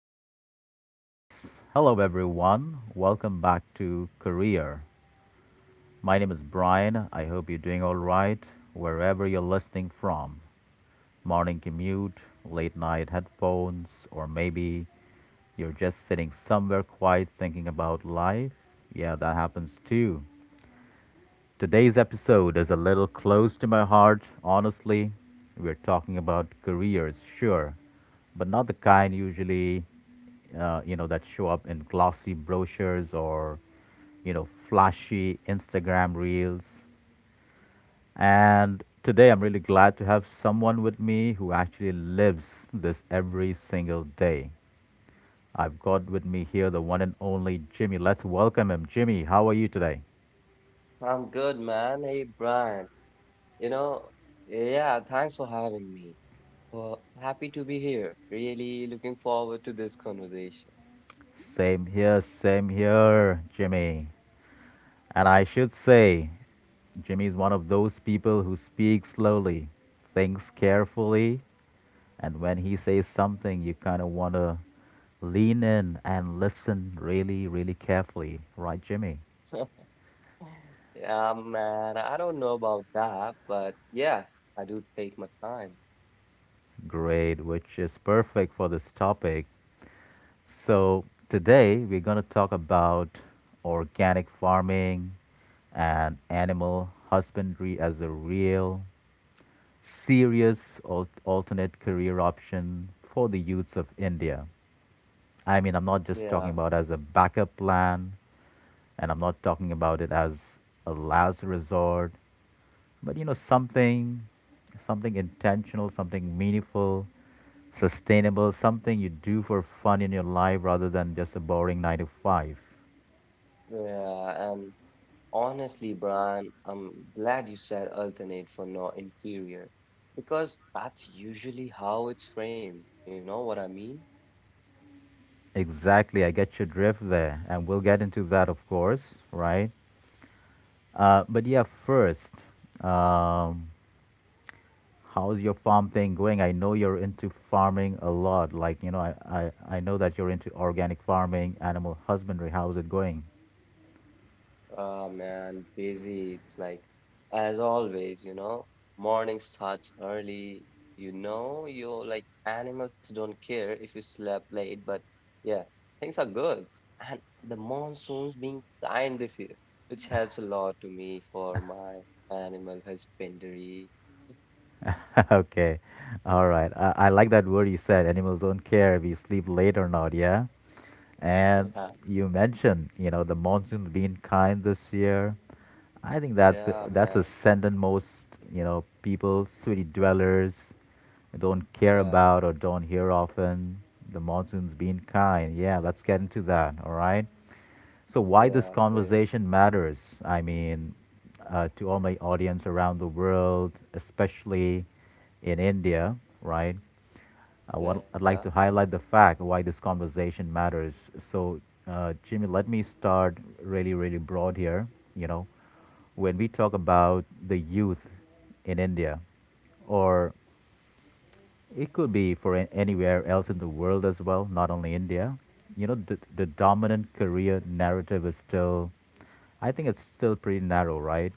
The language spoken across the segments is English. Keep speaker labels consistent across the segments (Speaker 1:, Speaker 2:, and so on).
Speaker 1: let's do this. Hello, everyone. Welcome back to Career. My name is Brian. I hope you're doing all right wherever you're listening from. Morning commute, late night headphones, or maybe you're just sitting somewhere quiet thinking about life. Yeah, that happens too. Today's episode is a little close to my heart, honestly. We're talking about careers, sure, but not the kind usually, that show up in glossy brochures or flashy Instagram reels. And today I'm really glad to have someone with me who actually lives this every single day. I've got with me here the one and only Jimmy. Let's welcome him. Jimmy, how are you today?
Speaker 2: I'm good, man. Hey, Brian. You know, yeah, thanks for having me. Well, happy to be here. Really looking forward to this conversation.
Speaker 1: Same here, Jimmy. And I should say, Jimmy is one of those people who speaks slowly, thinks carefully, and when he says something, you kind of want to lean in and listen really, really carefully. Right, Jimmy?
Speaker 2: Yeah, man, I don't know about that, but yeah, I do take my time.
Speaker 1: Great, which is perfect for this topic. So, today we're going to talk about organic farming and animal husbandry as a real serious alternate career option for the youths of India. I mean, I'm not just talking
Speaker 2: Yeah,
Speaker 1: about as a backup plan, and I'm not talking about it as a last resort, but something intentional, something meaningful, sustainable, something you do for fun in your life rather than just a boring nine to five.
Speaker 2: yeah, and honestly, Brian, I'm glad you said alternate for not inferior because that's usually how it's framed. You know what I mean?
Speaker 1: Exactly, I get your drift there, and we'll get into that, of course, right? But yeah, first, um, how's your farm thing going? I know you're into farming a lot. Like, I know that you're into organic farming, animal husbandry. How's it going?
Speaker 2: Oh man, busy. It's like, as always, morning starts early. You're like animals don't care if you slept late, but yeah, things are good. And the monsoon's being kind this year, which helps a lot to me for my animal husbandry.
Speaker 1: Okay. All right. I like that word you said animals don't care if you sleep late or not. Yeah. And
Speaker 2: Yeah,
Speaker 1: you mentioned, the monsoon's been kind this year. I think that's
Speaker 2: yeah,
Speaker 1: that's a
Speaker 2: man.
Speaker 1: sentence most people, city dwellers, don't care
Speaker 2: Yeah,
Speaker 1: about or don't hear often. The monsoon's been kind. Yeah, let's get into that. All right. So why
Speaker 2: yeah,
Speaker 1: this
Speaker 2: right.
Speaker 1: conversation matters? I mean, to all my audience around the world, especially in India, right?
Speaker 2: Yeah,
Speaker 1: I'd like to highlight the fact why this conversation matters. So, Jimmy, let me start really, really broad here. You know, when we talk about the youth in India, or it could be for anywhere else in the world as well, not only India, the dominant career narrative is still, I think it's still pretty narrow, right?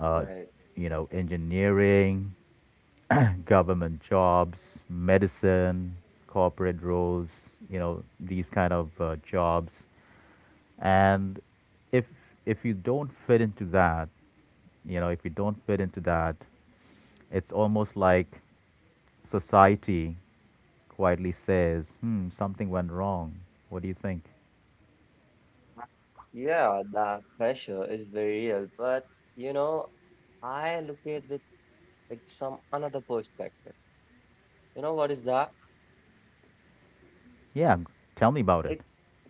Speaker 1: Uh, Engineering, government jobs, medicine, corporate roles, these kind of jobs. And if if you don't fit into that, if you don't fit into that, it's almost like society quietly says, "Hmm, something went wrong. What do you think?"
Speaker 2: Yeah, that pressure is very real, but you know, I look at it with like some another perspective. You know what is that?
Speaker 1: Yeah, tell me about
Speaker 2: It's
Speaker 1: it.
Speaker 2: it's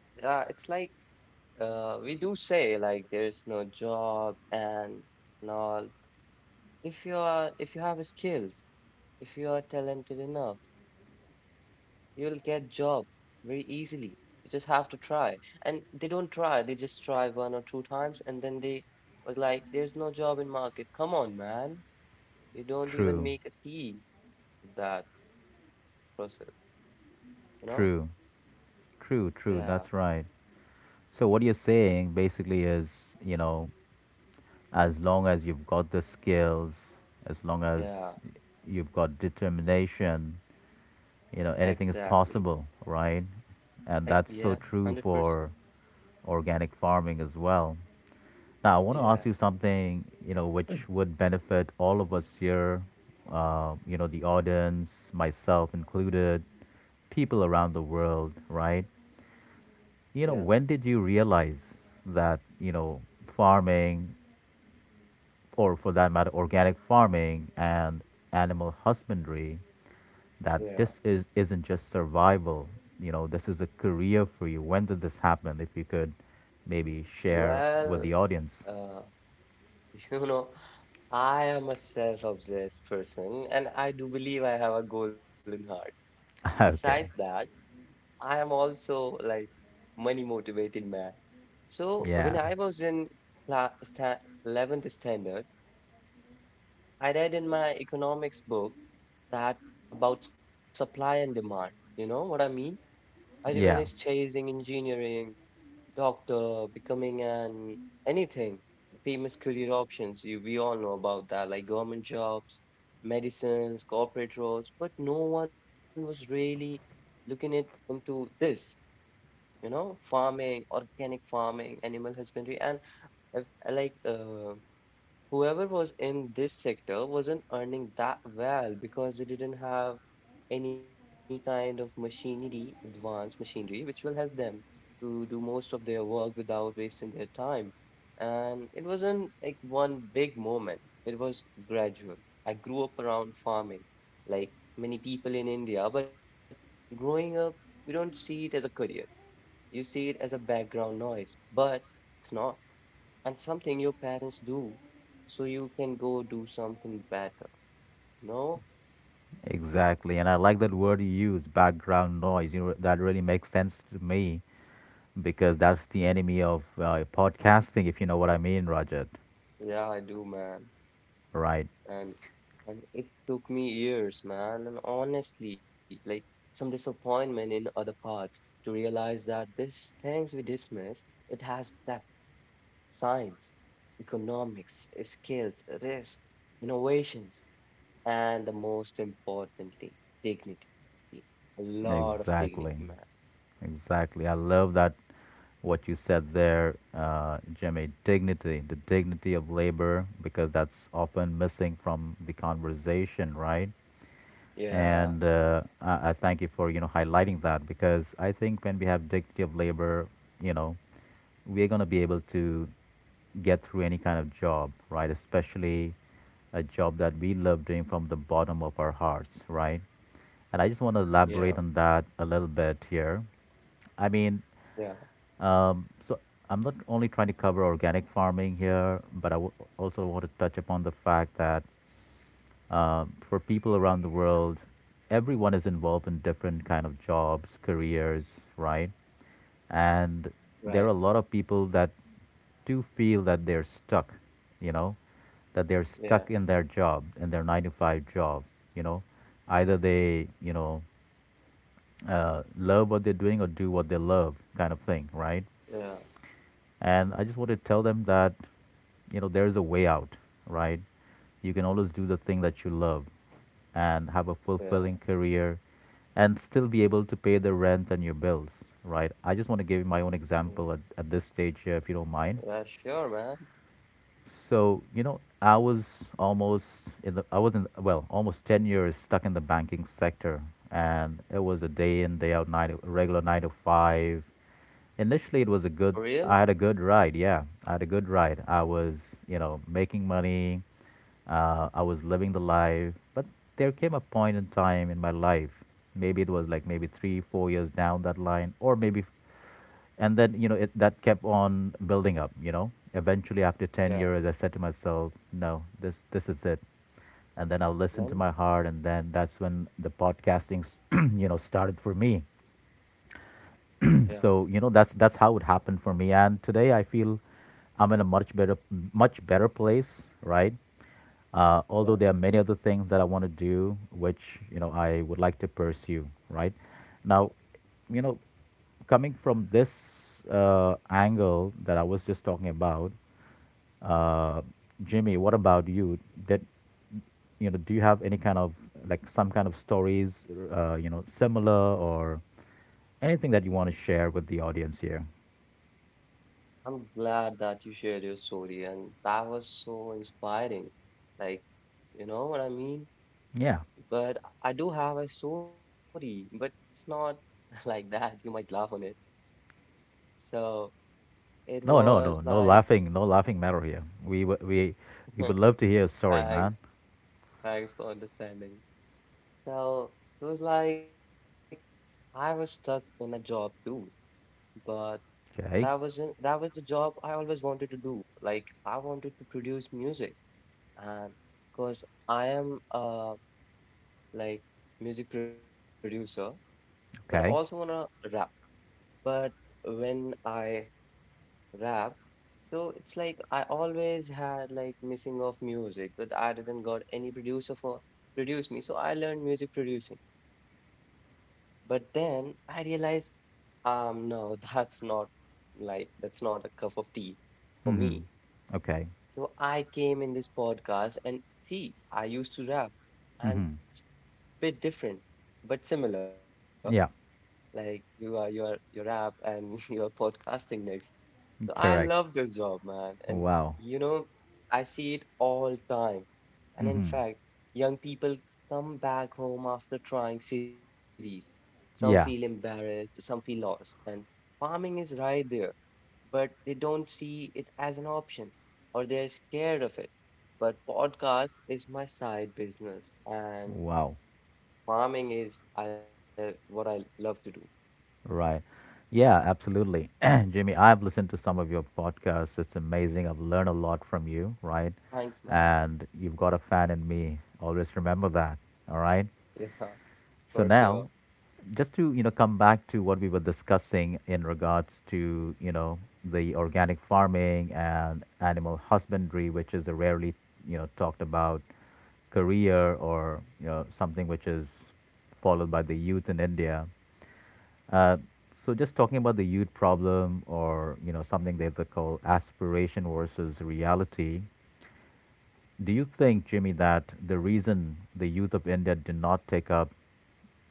Speaker 2: yeah, it's like we do say like there is no job and all. If you have skills, if you are talented enough, you'll get job very easily. You just have to try. And they don't try, they just try one or two times and then they was like, there's no job in market. Come on, man. You don't even
Speaker 1: True,
Speaker 2: make a tea of that process, you know?
Speaker 1: true, true,
Speaker 2: Yeah,
Speaker 1: true. That's right. So what you're saying basically is, as long as you've got the skills, as long
Speaker 2: yeah.
Speaker 1: as you've got determination, anything
Speaker 2: Exactly.
Speaker 1: is possible, right?
Speaker 2: Like,
Speaker 1: And
Speaker 2: yeah,
Speaker 1: that's so true
Speaker 2: 100%.
Speaker 1: for organic farming as well. Now, I want to
Speaker 2: Yeah,
Speaker 1: ask you something, which would benefit all of us here, the audience, myself included, people around the world, right? You
Speaker 2: yeah,
Speaker 1: know, when did you realize that, farming or for that matter, organic farming and animal husbandry, that
Speaker 2: yeah.
Speaker 1: this is isn't just survival. This is a career for you. When did this happen? If you could maybe share with
Speaker 2: Well,
Speaker 1: the audience.
Speaker 2: uh, you know, I am a self-obsessed person and I do believe I have a golden heart. But besides
Speaker 1: Okay.
Speaker 2: that, I am also like money motivated man. So when
Speaker 1: Yeah.
Speaker 2: I was in cla sta 11th standard, I read in my economics book that about supply and demand. You know what I mean? Everyone is
Speaker 1: Yeah.
Speaker 2: chasing engineering, doctor, becoming an anything. Famous career options, we all know about that, like government jobs, medicines, corporate roles, but no one was really looking it into this, farming, organic farming, animal husbandry, and uh, like whoever was in this sector wasn't earning that well because they didn't have any kind of machinery, advanced machinery, which will help them to do most of their work without wasting their time. And it wasn't like one big moment, it was gradual. I grew up around farming, like many people in India, but growing up, we don't see it as a career. You see it as a background noise, but it's not and something your parents do so you can go do something better. No,
Speaker 1: Exactly. And I like that word you use, background noise. That really makes sense to me because that's the enemy of podcasting, if you know what I mean, Rajat.
Speaker 2: yeah, I do, man.
Speaker 1: Right.
Speaker 2: And and it took me years, man, and honestly, like some disappointment in other parts, to realize that these things we dismiss, it has depth, science, economics, skills, risk, innovations, and the most importantly, dignity. A lot of dignity, man.
Speaker 1: Exactly. Exactly. I love that what you said there, Jimmy. Dignity, the dignity of labor, because that's often missing from the conversation, right?
Speaker 2: Yeah,
Speaker 1: And I thank you for highlighting that because I think when we have dignity of labor, you know, we're going to be able to get through any kind of job, right? Especially a job that we love doing from the bottom of our hearts, right? And I just want to
Speaker 2: yeah,
Speaker 1: elaborate on that a little bit here. I mean,
Speaker 2: yeah,
Speaker 1: so I'm not only trying to cover organic farming here, but also want to touch upon the fact that for people around the world, everyone is involved in different kind of jobs, careers, right? And
Speaker 2: right,
Speaker 1: there are a lot of people that do feel that they're stuck, you know that they're
Speaker 2: yeah.
Speaker 1: stuck in their job, in their 9 to 5 job, you know either they love what they're doing or do what they love, kind of thing, right?
Speaker 2: Yeah,
Speaker 1: And I just want to tell them that, there is a way out, right? You can always do the thing that you love and have a
Speaker 2: yeah,
Speaker 1: fulfilling career and still be able to pay the rent and your bills, right? I just want to give you my own
Speaker 2: mm,
Speaker 1: example at this stage, if you don't
Speaker 2: yeah,
Speaker 1: mind.
Speaker 2: sure, man.
Speaker 1: So, I was in, well, almost 10 years stuck in the banking sector. And it was a day in, day out, night, a regular nine to five. Initially, it was a
Speaker 2: For
Speaker 1: good,
Speaker 2: real?
Speaker 1: I had a good ride. Yeah, I had a good ride. I was, making money. I was living the life. But there came a point in time in my life, maybe it was like maybe 3, 4 years down that line, or maybe, and then it that kept on building up, eventually after 10
Speaker 2: Yeah,
Speaker 1: years I said to myself, no, this is it. And then I'll listen to
Speaker 2: man.
Speaker 1: my heart, and then that's when the podcasting started for me.
Speaker 2: Yeah,
Speaker 1: So that's how it happened for me, and today I feel I'm in a much better, much better place, right.
Speaker 2: yeah.
Speaker 1: Although there are many other things that I want to do, which I would like to pursue. Right now, you know, coming from this angle that I was just talking about, uh, Jimmy, what about you? Did you know? Do you have any kind of, like, some kind of stories, similar or anything that you want to share with the audience here?
Speaker 2: I'm glad that you shared your story, and that was so inspiring. Like, you know what I mean?
Speaker 1: Yeah.
Speaker 2: But I do have a story, but it's not like that. You might laugh on it. So it
Speaker 1: No, no,
Speaker 2: was
Speaker 1: no, no
Speaker 2: like,
Speaker 1: laughing, no laughing matter here. We w- we would love to hear a story,
Speaker 2: thanks,
Speaker 1: man.
Speaker 2: thanks for understanding. So it was like I was stuck in a job too, but That
Speaker 1: Okay.
Speaker 2: was a- that was the job I always wanted to do. Like I wanted to produce music, and because I am like music producer, but also wanna
Speaker 1: Okay.
Speaker 2: rap. But when I rap, so it's like I always had like missing of music, but I didn't got any producer for produce me. So I learned music producing. But then I realized, no, that's not a cup of tea for me.
Speaker 1: Mm-hmm. Okay.
Speaker 2: So I came in this podcast and see, I used to rap and
Speaker 1: Mm-hmm.
Speaker 2: bit different, but similar.
Speaker 1: Yeah.
Speaker 2: Like you are your rap and your podcasting next. So I love
Speaker 1: Correct.
Speaker 2: this job, man. And
Speaker 1: Wow.
Speaker 2: you know, I see it all time. And in
Speaker 1: Mm-hmm.
Speaker 2: fact, young people come back home after trying cities. Some feel
Speaker 1: Yeah.
Speaker 2: embarrassed, some feel lost, and farming is right there but they don't see it as an option or they're scared of it. But podcast is my side business and
Speaker 1: Wow.
Speaker 2: farming is I what I love to do.
Speaker 1: Right. Yeah, absolutely. Jimmy, I've listened to some of your podcasts. It's amazing. I've learned a lot from you, right?
Speaker 2: Thanks, man.
Speaker 1: And you've got a fan in me. Always remember that. All right.
Speaker 2: Yeah,
Speaker 1: So
Speaker 2: for sure.
Speaker 1: now, just to come back to what we were discussing in regards to the organic farming and animal husbandry, which is a rarely talked about career or something which is followed by the youth in India. Uh, so just talking about the youth problem, or something that they call aspiration versus reality. Do you think, Jimmy, that the reason the youth of India do not take up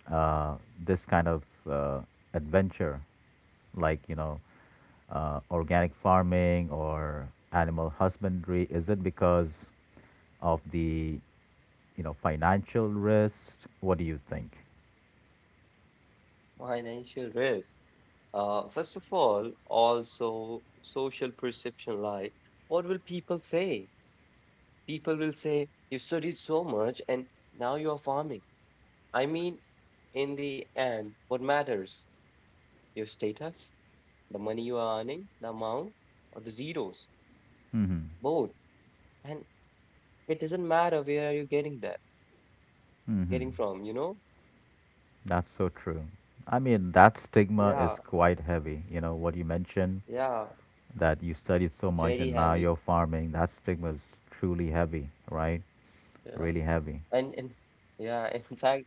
Speaker 1: uh, this kind of uh, adventure, like organic farming or animal husbandry? Is it because of the financial risk? What do you think?
Speaker 2: Financial risk. First of all, also social perception like what will people say? People will say you studied so much and now you're farming. I mean, in the end, what matters? Your status? The money you are earning, the amount, or the zeros, both. And it doesn't matter where are you getting that, getting from, you know?
Speaker 1: That's so true. I mean, that
Speaker 2: Yeah,
Speaker 1: stigma is quite heavy. You know what you mentioned,
Speaker 2: yeah,
Speaker 1: that you studied so
Speaker 2: very
Speaker 1: much and
Speaker 2: heavy.
Speaker 1: now you're farming. That stigma is truly heavy, right?
Speaker 2: Yeah.
Speaker 1: Really heavy.
Speaker 2: And yeah, in fact,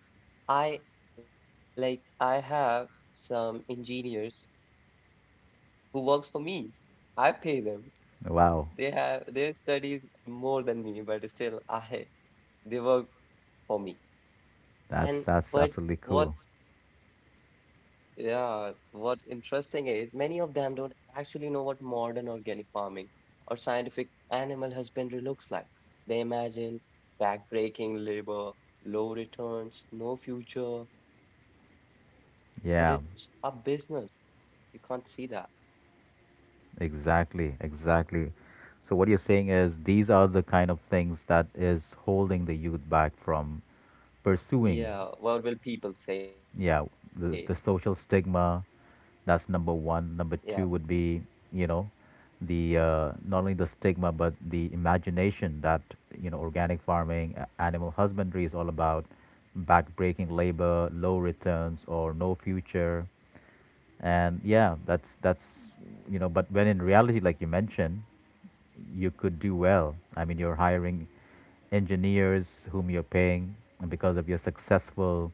Speaker 2: I I have some engineers who works for me. I pay them.
Speaker 1: Wow,
Speaker 2: They have their studies more than me, but still I they work for me.
Speaker 1: that's
Speaker 2: And
Speaker 1: that's
Speaker 2: but
Speaker 1: absolutely cool.
Speaker 2: what's yeah, what interesting is many of them don't actually know what modern organic farming or scientific animal husbandry looks like. They imagine backbreaking labor, low returns, no future, but it's a
Speaker 1: Yeah,
Speaker 2: business. You can't see that.
Speaker 1: exactly, exactly. So what you're saying is these are the kind of things that is holding the youth back from pursuing,
Speaker 2: Yeah, what will people say?
Speaker 1: yeah, the social stigma. That's number one.
Speaker 2: Yeah.
Speaker 1: Number two would be, you know, the not only the stigma but the imagination that organic farming, animal husbandry is all about, backbreaking labor, low returns, or no future. And yeah, that's you know but when in reality, like you mentioned, you could do well. I mean, you're hiring engineers whom you're paying because of your successful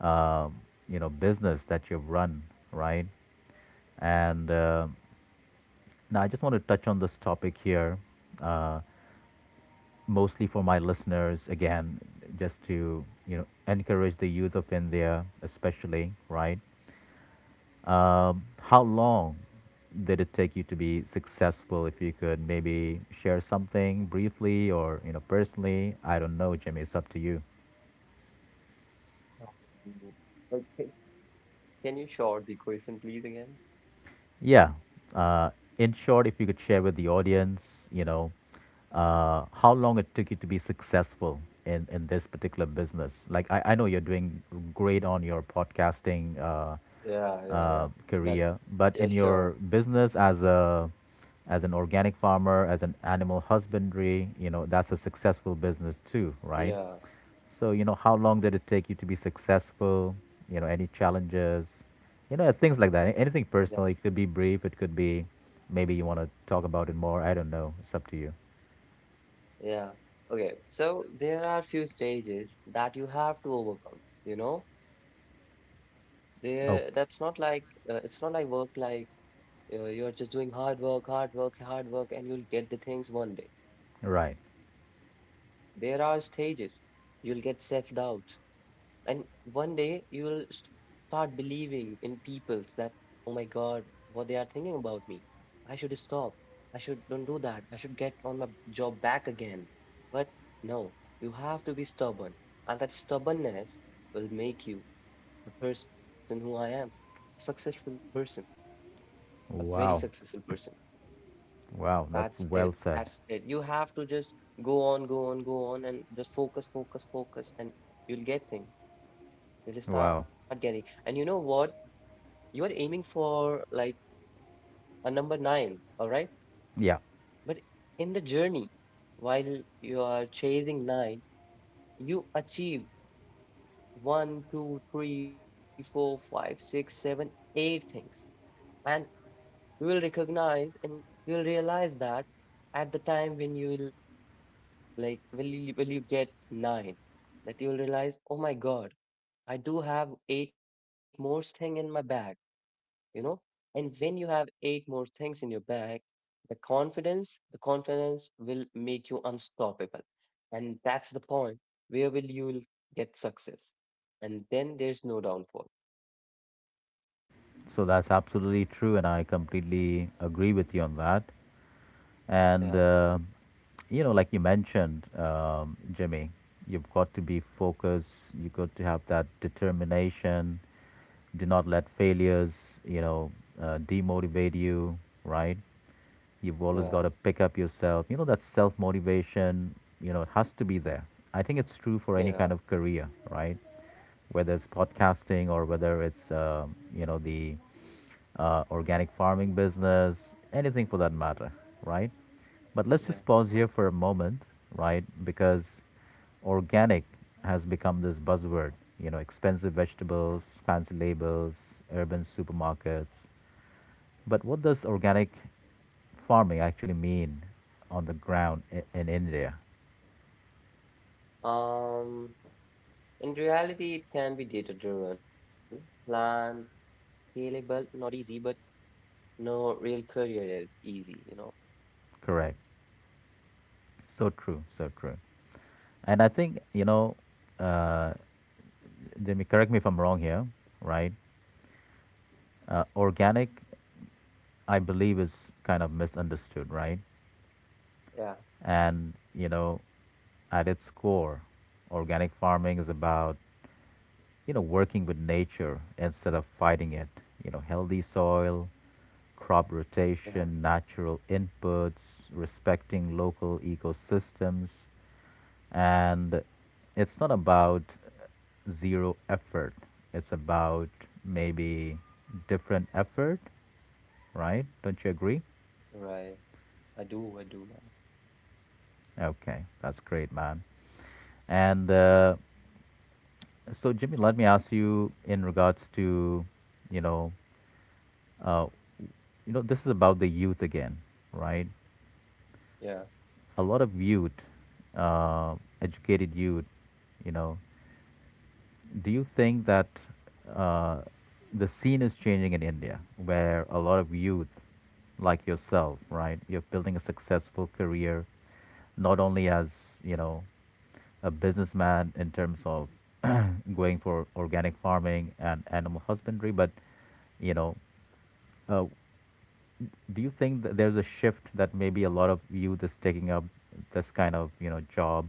Speaker 1: um, business that you've run, right. And now I just want to touch on this topic here, uh, mostly for my listeners again, just to encourage the youth of India, especially, right. How long did it take you to be successful? If you could maybe share something briefly, or personally, I don't know, Jimmy. It's up to you.
Speaker 2: Mm, like, can you short the question, please, again?
Speaker 1: Yeah. Uh, in short, if you could share with the audience, how long it took you to be successful in this particular business. Like I know you're doing great on your podcasting.
Speaker 2: Yeah, yeah, yeah. But
Speaker 1: Career, but in
Speaker 2: yeah,
Speaker 1: your
Speaker 2: sure.
Speaker 1: business as a as an organic farmer, as an animal husbandry, you know that's a successful business too, right?
Speaker 2: Yeah,
Speaker 1: So you know how long did it take you to be successful? You know any challenges? You know things like that. Anything
Speaker 2: yeah.
Speaker 1: personal. It could be brief. It could be maybe you want to talk about it more. I don't know. It's up to you.
Speaker 2: Yeah. Okay. So there are few stages that you have to overcome. You know, there that's not
Speaker 1: Oh,
Speaker 2: like It's not like work, like you're just doing hard work, hard work, hard work, and you'll get the things one day.
Speaker 1: right.
Speaker 2: There are stages. You'll get self-doubt. And one day you will start believing in people's that, oh my God, what they are thinking about me. I should stop. I should don't do that. I should get on my job back again. But no, you have to be stubborn. And that stubbornness will make you the person who I am, a successful person, a very
Speaker 1: Wow.
Speaker 2: successful person.
Speaker 1: Wow.
Speaker 2: That's
Speaker 1: That's
Speaker 2: it.
Speaker 1: well said.
Speaker 2: That's it. You have to just go on, go on, go on, and just focus, focus, focus, and you'll get things. You'll
Speaker 1: Wow.
Speaker 2: start getting. And you know what? You are aiming for like a number nine, all right?
Speaker 1: Yeah.
Speaker 2: But in the journey, while you are chasing nine, you achieve one, two, three, four, five, six, seven, eight things. And you will recognize and you will realize that at the time when you will like will you get nine, that you will realize, oh my God, I do have eight more thing in my bag, you know? And when you have eight more things in your bag, the confidence will make you unstoppable. And that's the point where will you'll get success. And then there's no downfall.
Speaker 1: So that's absolutely true, and I completely agree with you on that.
Speaker 2: Yeah,
Speaker 1: And you know, like you mentioned, Jimmy, you've got to be focused. You've got to have that determination. Do not let failures, you know, demotivate you, right? You've
Speaker 2: yeah,
Speaker 1: always got to pick up yourself. You know, that self motivation. You know, it has to be there. I think it's true for any
Speaker 2: yeah,
Speaker 1: kind of career, right? Whether it's podcasting or whether it's you know the organic farming business, anything for that matter, right? But
Speaker 2: yeah.
Speaker 1: let's just pause here for a moment, right? Because organic has become this buzzword, you know, expensive vegetables, fancy labels, urban supermarkets. But what does organic farming actually mean on the ground in India?
Speaker 2: Um, in reality, it can be data driven, planned, scalable, not easy, but no real career is easy, you know?
Speaker 1: Correct. So true, so true. And I think, you know, uh, Jimmy, correct me if I'm wrong here, right? Organic I believe is kind of misunderstood, right?
Speaker 2: Yeah,
Speaker 1: And, you know, at its core, organic farming is about, you know, working with nature instead of fighting it. You know, healthy soil, crop
Speaker 2: yeah,
Speaker 1: rotation, natural inputs, respecting local ecosystems. And it's not about zero effort, it's about maybe different effort, right? Don't you agree?
Speaker 2: right. I do, man.
Speaker 1: Okay, that's great, man. And so, Jimmy, let me ask you in regards to, you know, uh, you know, this is about the youth again, right?
Speaker 2: Yeah.
Speaker 1: A lot of youth, uh, educated youth, you know, do you think that uh, the scene is changing in India, where a lot of youth, like yourself, right, you're building a successful career, not only as you know, a businessman in terms of going for organic farming and animal husbandry, but you know, uh, do you think that there's a shift that maybe a lot of youth is taking up this kind of you know job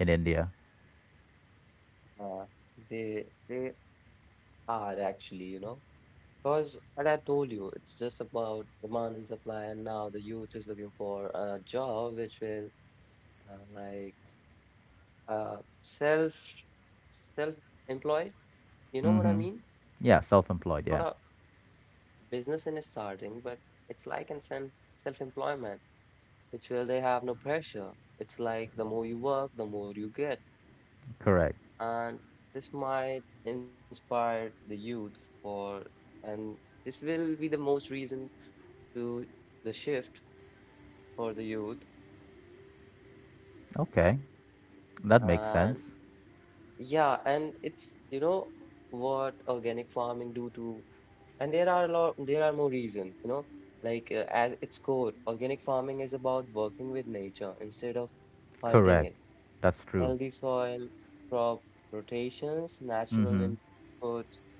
Speaker 1: in India?
Speaker 2: Yeah, they are actually, because as I told you, it's just about demand and supply, and now the youth is looking for a job which will like uh self self-employed. You know what I mean?
Speaker 1: Mm-hmm. Yeah,
Speaker 2: It's not a
Speaker 1: self-employed. Yeah.
Speaker 2: business in starting, but it's like in self-employment, which will they have no pressure. It's like the more you work, the more you get.
Speaker 1: Correct.
Speaker 2: And this might inspire the youth for, and this will be the most reason to the shift for the youth.
Speaker 1: Okay. That makes
Speaker 2: And
Speaker 1: sense.
Speaker 2: yeah, and it's, you know what organic farming do to, and there are more reason, like as its core organic farming is about working with nature instead of fighting
Speaker 1: Correct.
Speaker 2: it.
Speaker 1: That's true.
Speaker 2: Healthy soil, crop rotations, natural
Speaker 1: Mm-hmm.
Speaker 2: inputs,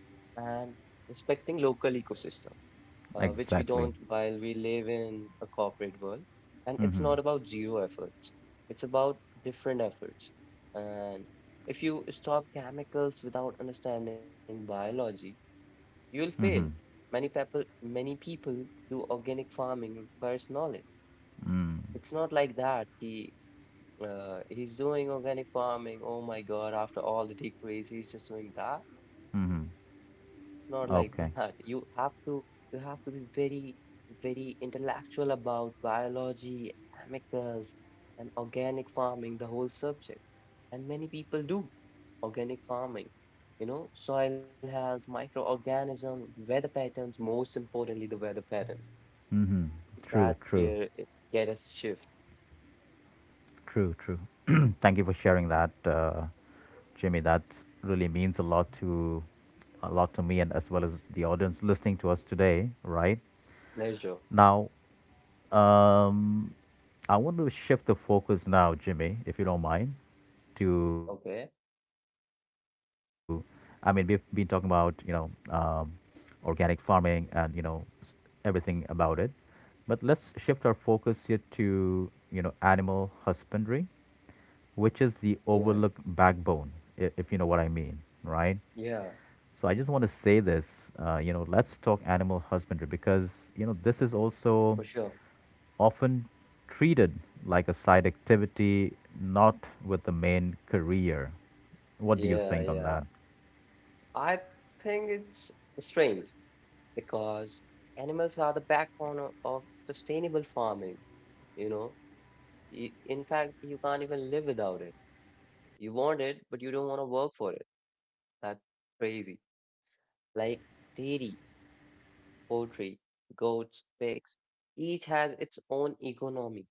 Speaker 2: and respecting local ecosystems, which we don't
Speaker 1: Exactly.
Speaker 2: while we live in a corporate world. And it's
Speaker 1: Mm-hmm.
Speaker 2: not about zero efforts, it's about different efforts. And if you stop chemicals without understanding biology, you will fail.
Speaker 1: Mm-hmm.
Speaker 2: Many people do organic farming requires knowledge.
Speaker 1: Mm.
Speaker 2: It's not like that. He's doing organic farming. Oh my God! After all the degrees, he's just doing that.
Speaker 1: Mm-hmm.
Speaker 2: It's not like that.
Speaker 1: Okay.
Speaker 2: You have to be very, very intellectual about biology, chemicals, and organic farming, the whole subject. And many people do organic farming. Soil health, microorganism, weather patterns, most importantly, the weather pattern.
Speaker 1: True,
Speaker 2: That's
Speaker 1: true,
Speaker 2: where it get us shift.
Speaker 1: true, true. Thank you for
Speaker 2: Uh,
Speaker 1: sharing that, Jimmy. That really means a lot to me and as well as the audience listening to us today, right?
Speaker 2: Pleasure.
Speaker 1: Now Um, I want to shift the focus now, Jimmy, if you don't mind, to,
Speaker 2: Okay.
Speaker 1: I mean, we've been talking about, you know, um, organic farming and, you know, s- everything about it. But let's shift our focus here to, you know, animal husbandry, which is the
Speaker 2: Yeah.
Speaker 1: overlooked backbone, if you know what I mean, right?
Speaker 2: Yeah,
Speaker 1: So I just want to say this, you know, let's talk animal husbandry because, you know, this is
Speaker 2: for sure.
Speaker 1: also often treated like a side activity, not with the main career. What do you
Speaker 2: Yeah,
Speaker 1: think on
Speaker 2: yeah.
Speaker 1: that?
Speaker 2: I think it's strange. Because animals are the backbone of sustainable farming. You know, in fact, you can't even live without it. You want it, but you don't want to work for it. That's crazy. Like dairy, poultry, goats, pigs, each has its own economy.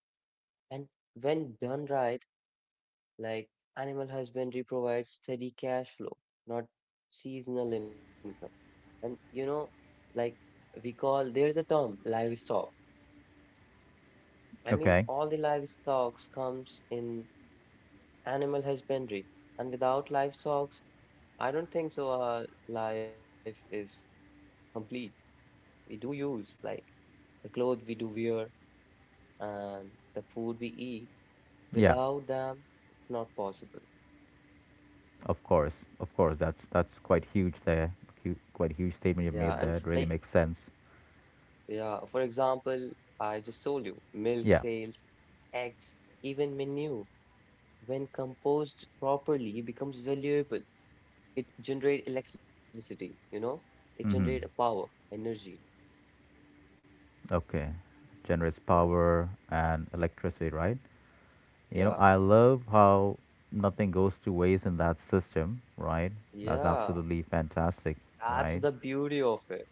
Speaker 2: And when done right, like animal husbandry provides steady cash flow, not seasonal income. And like we call, there is a term, livestock. I mean,
Speaker 1: Okay.
Speaker 2: all the livestock comes in animal husbandry, and without livestock, I don't think so our life is complete. We do use like the clothes we do wear and the food we eat.
Speaker 1: Yeah.
Speaker 2: Without them, it's not possible.
Speaker 1: Of course. Of course. That's quite huge there. Quite a huge
Speaker 2: Yeah,
Speaker 1: statement
Speaker 2: and
Speaker 1: you've made there.
Speaker 2: like
Speaker 1: It really makes sense.
Speaker 2: yeah, for example, I just told you milk
Speaker 1: Yeah.
Speaker 2: sales, eggs, even manure, when composed properly, becomes valuable. It generate electricity, it generate a
Speaker 1: Mm-hmm.
Speaker 2: power, energy.
Speaker 1: Okay. Generates
Speaker 2: Yeah,
Speaker 1: power and electricity, right? You know,
Speaker 2: yeah,
Speaker 1: I love how nothing goes to waste in that system, right? That's
Speaker 2: yeah.
Speaker 1: absolutely fantastic,
Speaker 2: That's
Speaker 1: right?
Speaker 2: the beauty of it.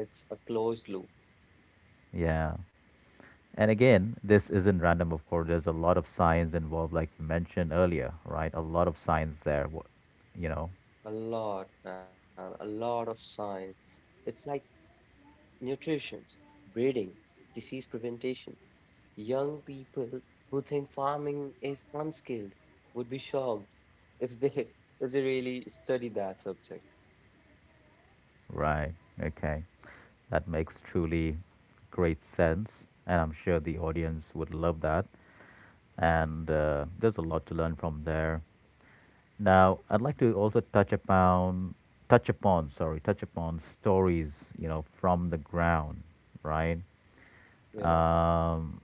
Speaker 2: It's a closed loop.
Speaker 1: Yeah. And again, this isn't random, of course. There's a lot of science involved, like you mentioned earlier, right? A lot of science there, you know,
Speaker 2: A lot, man, a lot of science. It's like nutrition, breeding, disease prevention. Young people who think farming is unskilled would be shocked if they if they really study that subject.
Speaker 1: right? Okay. That makes truly great sense. And I'm sure the audience would love that. And there's a lot to learn from there. Now, I'd like to also touch upon stories, you know, from the ground, right?
Speaker 2: Yeah.
Speaker 1: Um,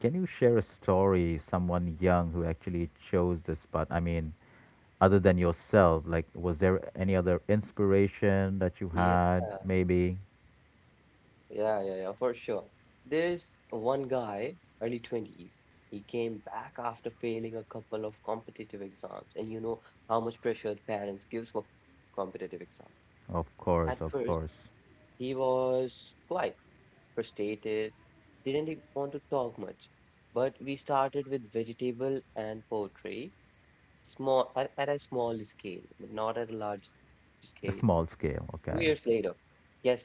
Speaker 1: can you share a story, someone young who actually chose this path? I mean, other than yourself, like, was there any other inspiration that you had? Maybe?
Speaker 2: Yeah, yeah, yeah, for sure. There's one guy, early 20s. He came back after failing a couple of competitive exams, and you know how much pressure parents gives for competitive exam.
Speaker 1: Of
Speaker 2: At
Speaker 1: course,
Speaker 2: first,
Speaker 1: of course.
Speaker 2: he was quite frustrated, didn't even want to talk much. But we started with vegetable and poetry, small at a small scale, but not at a large scale.
Speaker 1: A small
Speaker 2: Two
Speaker 1: scale,
Speaker 2: years later,
Speaker 1: okay.
Speaker 2: guess what?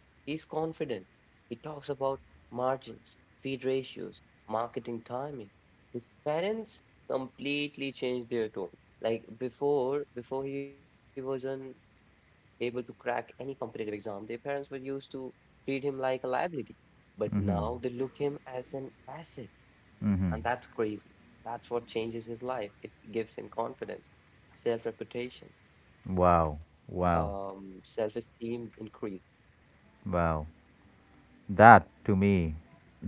Speaker 2: He's confident. He talks about margins, feed ratios, marketing timing. His parents completely changed their tone. Like before he wasn't able to crack any competitive exam, their parents were used to treat him like a liability. But now they look him as an asset, and that's crazy. That's what changes his life. It gives him confidence, self-reputation,
Speaker 1: Wow, wow,
Speaker 2: self-esteem increase.
Speaker 1: wow.
Speaker 2: Yeah,
Speaker 1: That to me,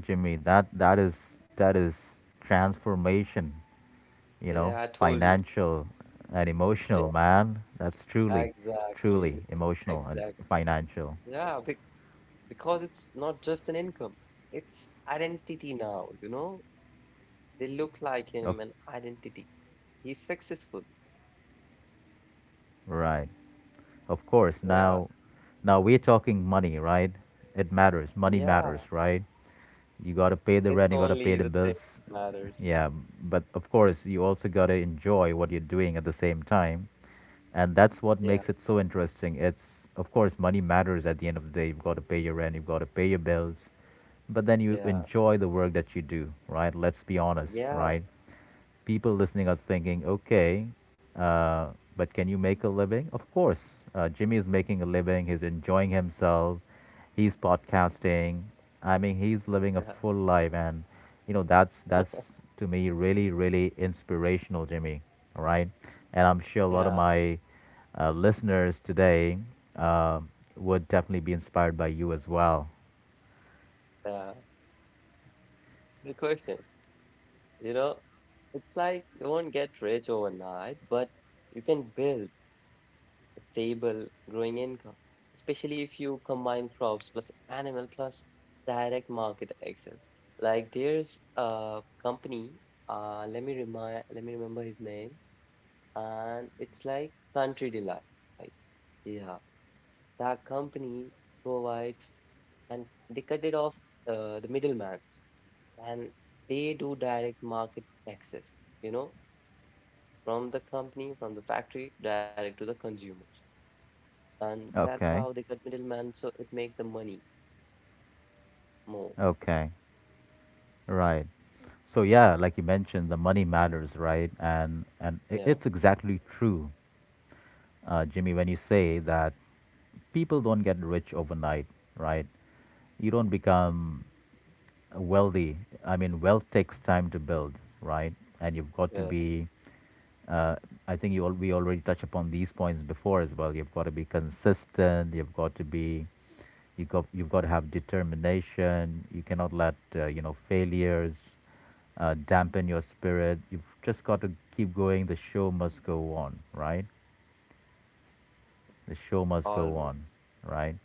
Speaker 1: Jimmy, that is transformation, you know,
Speaker 2: yeah, I told you.
Speaker 1: financial and emotional, man. That's truly,
Speaker 2: Exactly.
Speaker 1: truly emotional and
Speaker 2: Exactly.
Speaker 1: financial.
Speaker 2: Yeah, be because it's not just an income, it's identity now, you know? They look like
Speaker 1: Of
Speaker 2: him and identity. He's successful.
Speaker 1: right. Of course.
Speaker 2: Yeah.
Speaker 1: Now, now we're talking money, right? It matters. Money
Speaker 2: Yeah.
Speaker 1: matters, right? You got
Speaker 2: I-
Speaker 1: to pay the
Speaker 2: It's
Speaker 1: rent, you got to pay
Speaker 2: only
Speaker 1: the
Speaker 2: the thing
Speaker 1: bills.
Speaker 2: that matters.
Speaker 1: Yeah, but of course, you also got to enjoy what you're doing at the same time. And that's
Speaker 2: Yeah.
Speaker 1: what makes it so interesting. It's, of course, money matters at the end of the day. You've got to pay your rent, you've got to pay your bills, but then you
Speaker 2: Yeah.
Speaker 1: enjoy the work that you do, right? Let's be honest,
Speaker 2: Yeah.
Speaker 1: right? People listening are thinking, okay, uh, but can you make a living? Of course. Jimmy is making a living. He's enjoying himself. He's podcasting. I mean, he's living a
Speaker 2: Yeah.
Speaker 1: full life, and you know that's to me really really inspirational, Jimmy. All right, and I'm sure a lot of
Speaker 2: Yeah.
Speaker 1: my listeners today uh, would definitely be inspired by you as well.
Speaker 2: Yeah. Good question. You know, it's like you won't get rich overnight, but you can build stable growing income, especially if you combine crops plus animal plus direct market access. Like there's a company, let me remember his name, and it's like Country Delight. Yeah, that company provides and they cut it off the middleman and they do direct market access, you know, from the company, from the factory, direct to the consumers. And that's how
Speaker 1: Okay,
Speaker 2: they cut middleman, so it makes the money more.
Speaker 1: okay. Right. So yeah, like you mentioned, the money matters, right? And
Speaker 2: Yeah,
Speaker 1: it's exactly true, Jimmy, when you say that people don't get rich overnight, right? You don't become wealthy. I mean, wealth takes time to build, right? And you've got to
Speaker 2: yeah,
Speaker 1: be uh, I think we already touched upon these points before as well. You've got to be consistent. You've got to be, you've got to have determination. You cannot let you know failures dampen your spirit. You've just got to keep going. The show must go on, right? The show
Speaker 2: always,
Speaker 1: must go on, right?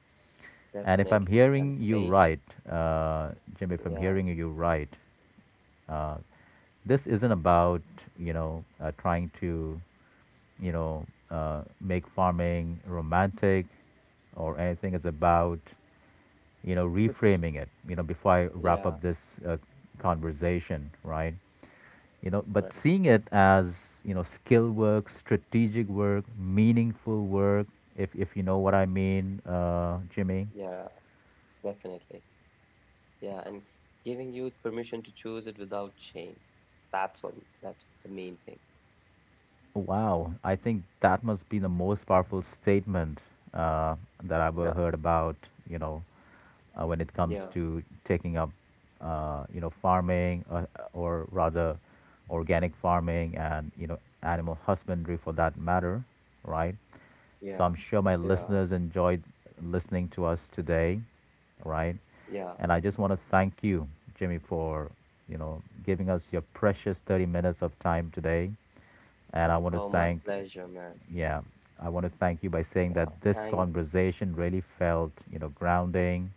Speaker 1: And if
Speaker 2: definitely.
Speaker 1: I'm
Speaker 2: And
Speaker 1: hearing you right, uh, Jim, if I'm
Speaker 2: yeah,
Speaker 1: hearing you right, uh, this isn't about you know trying to you know make farming romantic or anything. It's about you know reframing it. You know before I wrap
Speaker 2: yeah,
Speaker 1: up this conversation, right? You know, but
Speaker 2: right.
Speaker 1: seeing it as you know skill work, strategic work, meaningful work. If you know what I mean, Jimmy.
Speaker 2: Yeah, definitely. Yeah, and giving you permission to choose it without shame. That's what, that's the main thing.
Speaker 1: Wow, I think that must be the most powerful statement uh,
Speaker 2: Yeah,
Speaker 1: that I've ever heard about, you know, when it
Speaker 2: yeah,
Speaker 1: comes to taking up, you know, farming or rather organic farming and, you know, animal husbandry for that matter, right?
Speaker 2: yeah,
Speaker 1: So I'm sure
Speaker 2: yeah,
Speaker 1: my listeners enjoyed listening to us today, right?
Speaker 2: yeah.
Speaker 1: And I just want to thank you, Jimmy, for, you know, giving us your precious 30 minutes of time today and I want to
Speaker 2: Oh, my
Speaker 1: thank,
Speaker 2: pleasure, man.
Speaker 1: yeah, I want to thank you by
Speaker 2: Yeah,
Speaker 1: saying that
Speaker 2: it
Speaker 1: this conversation really felt, you know, grounding,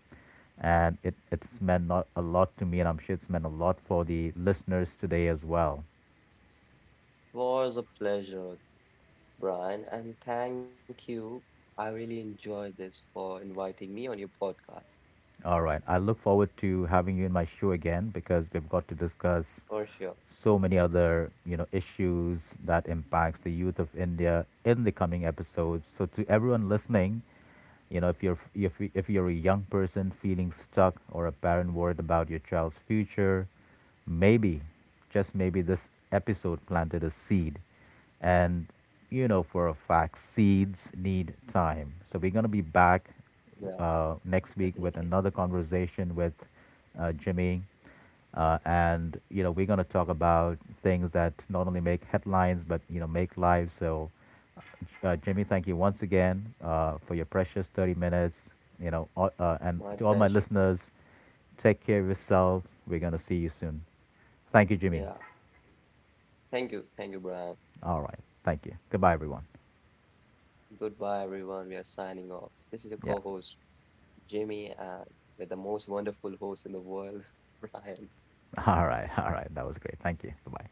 Speaker 1: and it's meant not a lot to me, and I'm sure it's meant a lot for the listeners today as well.
Speaker 2: was a pleasure, Brian. And thank you. I really enjoyed this for inviting me on your podcast.
Speaker 1: All right, I look forward to having you in my show again because we've got to discuss
Speaker 2: For sure.
Speaker 1: so many other you know issues that impacts the youth of India in the coming episodes, so to everyone listening, you know, if you're a young person feeling stuck or a parent worried about your child's future, maybe, just maybe this episode planted a seed, and you know for a fact seeds need time. So we're gonna be back
Speaker 2: Yeah,
Speaker 1: next week with
Speaker 2: definitely.
Speaker 1: another conversation with Jimmy. And you know we're going to talk about things that not only make headlines but you know make lives. So Jimmy, thank you once again for your precious 30 minutes. You know, and to
Speaker 2: My
Speaker 1: all my
Speaker 2: pleasure.
Speaker 1: listeners, take care of yourself. We're going to see you soon. Thank you, Jimmy.
Speaker 2: Yeah. Thank you. Thank you, Brian.
Speaker 1: All right. Thank you. Goodbye, everyone.
Speaker 2: Goodbye, everyone. We are signing off. This is your
Speaker 1: Yeah.
Speaker 2: co-host, Jimmy, and with the most wonderful host in the world, Brian.
Speaker 1: All right. All right. That was great. Thank you. Bye bye.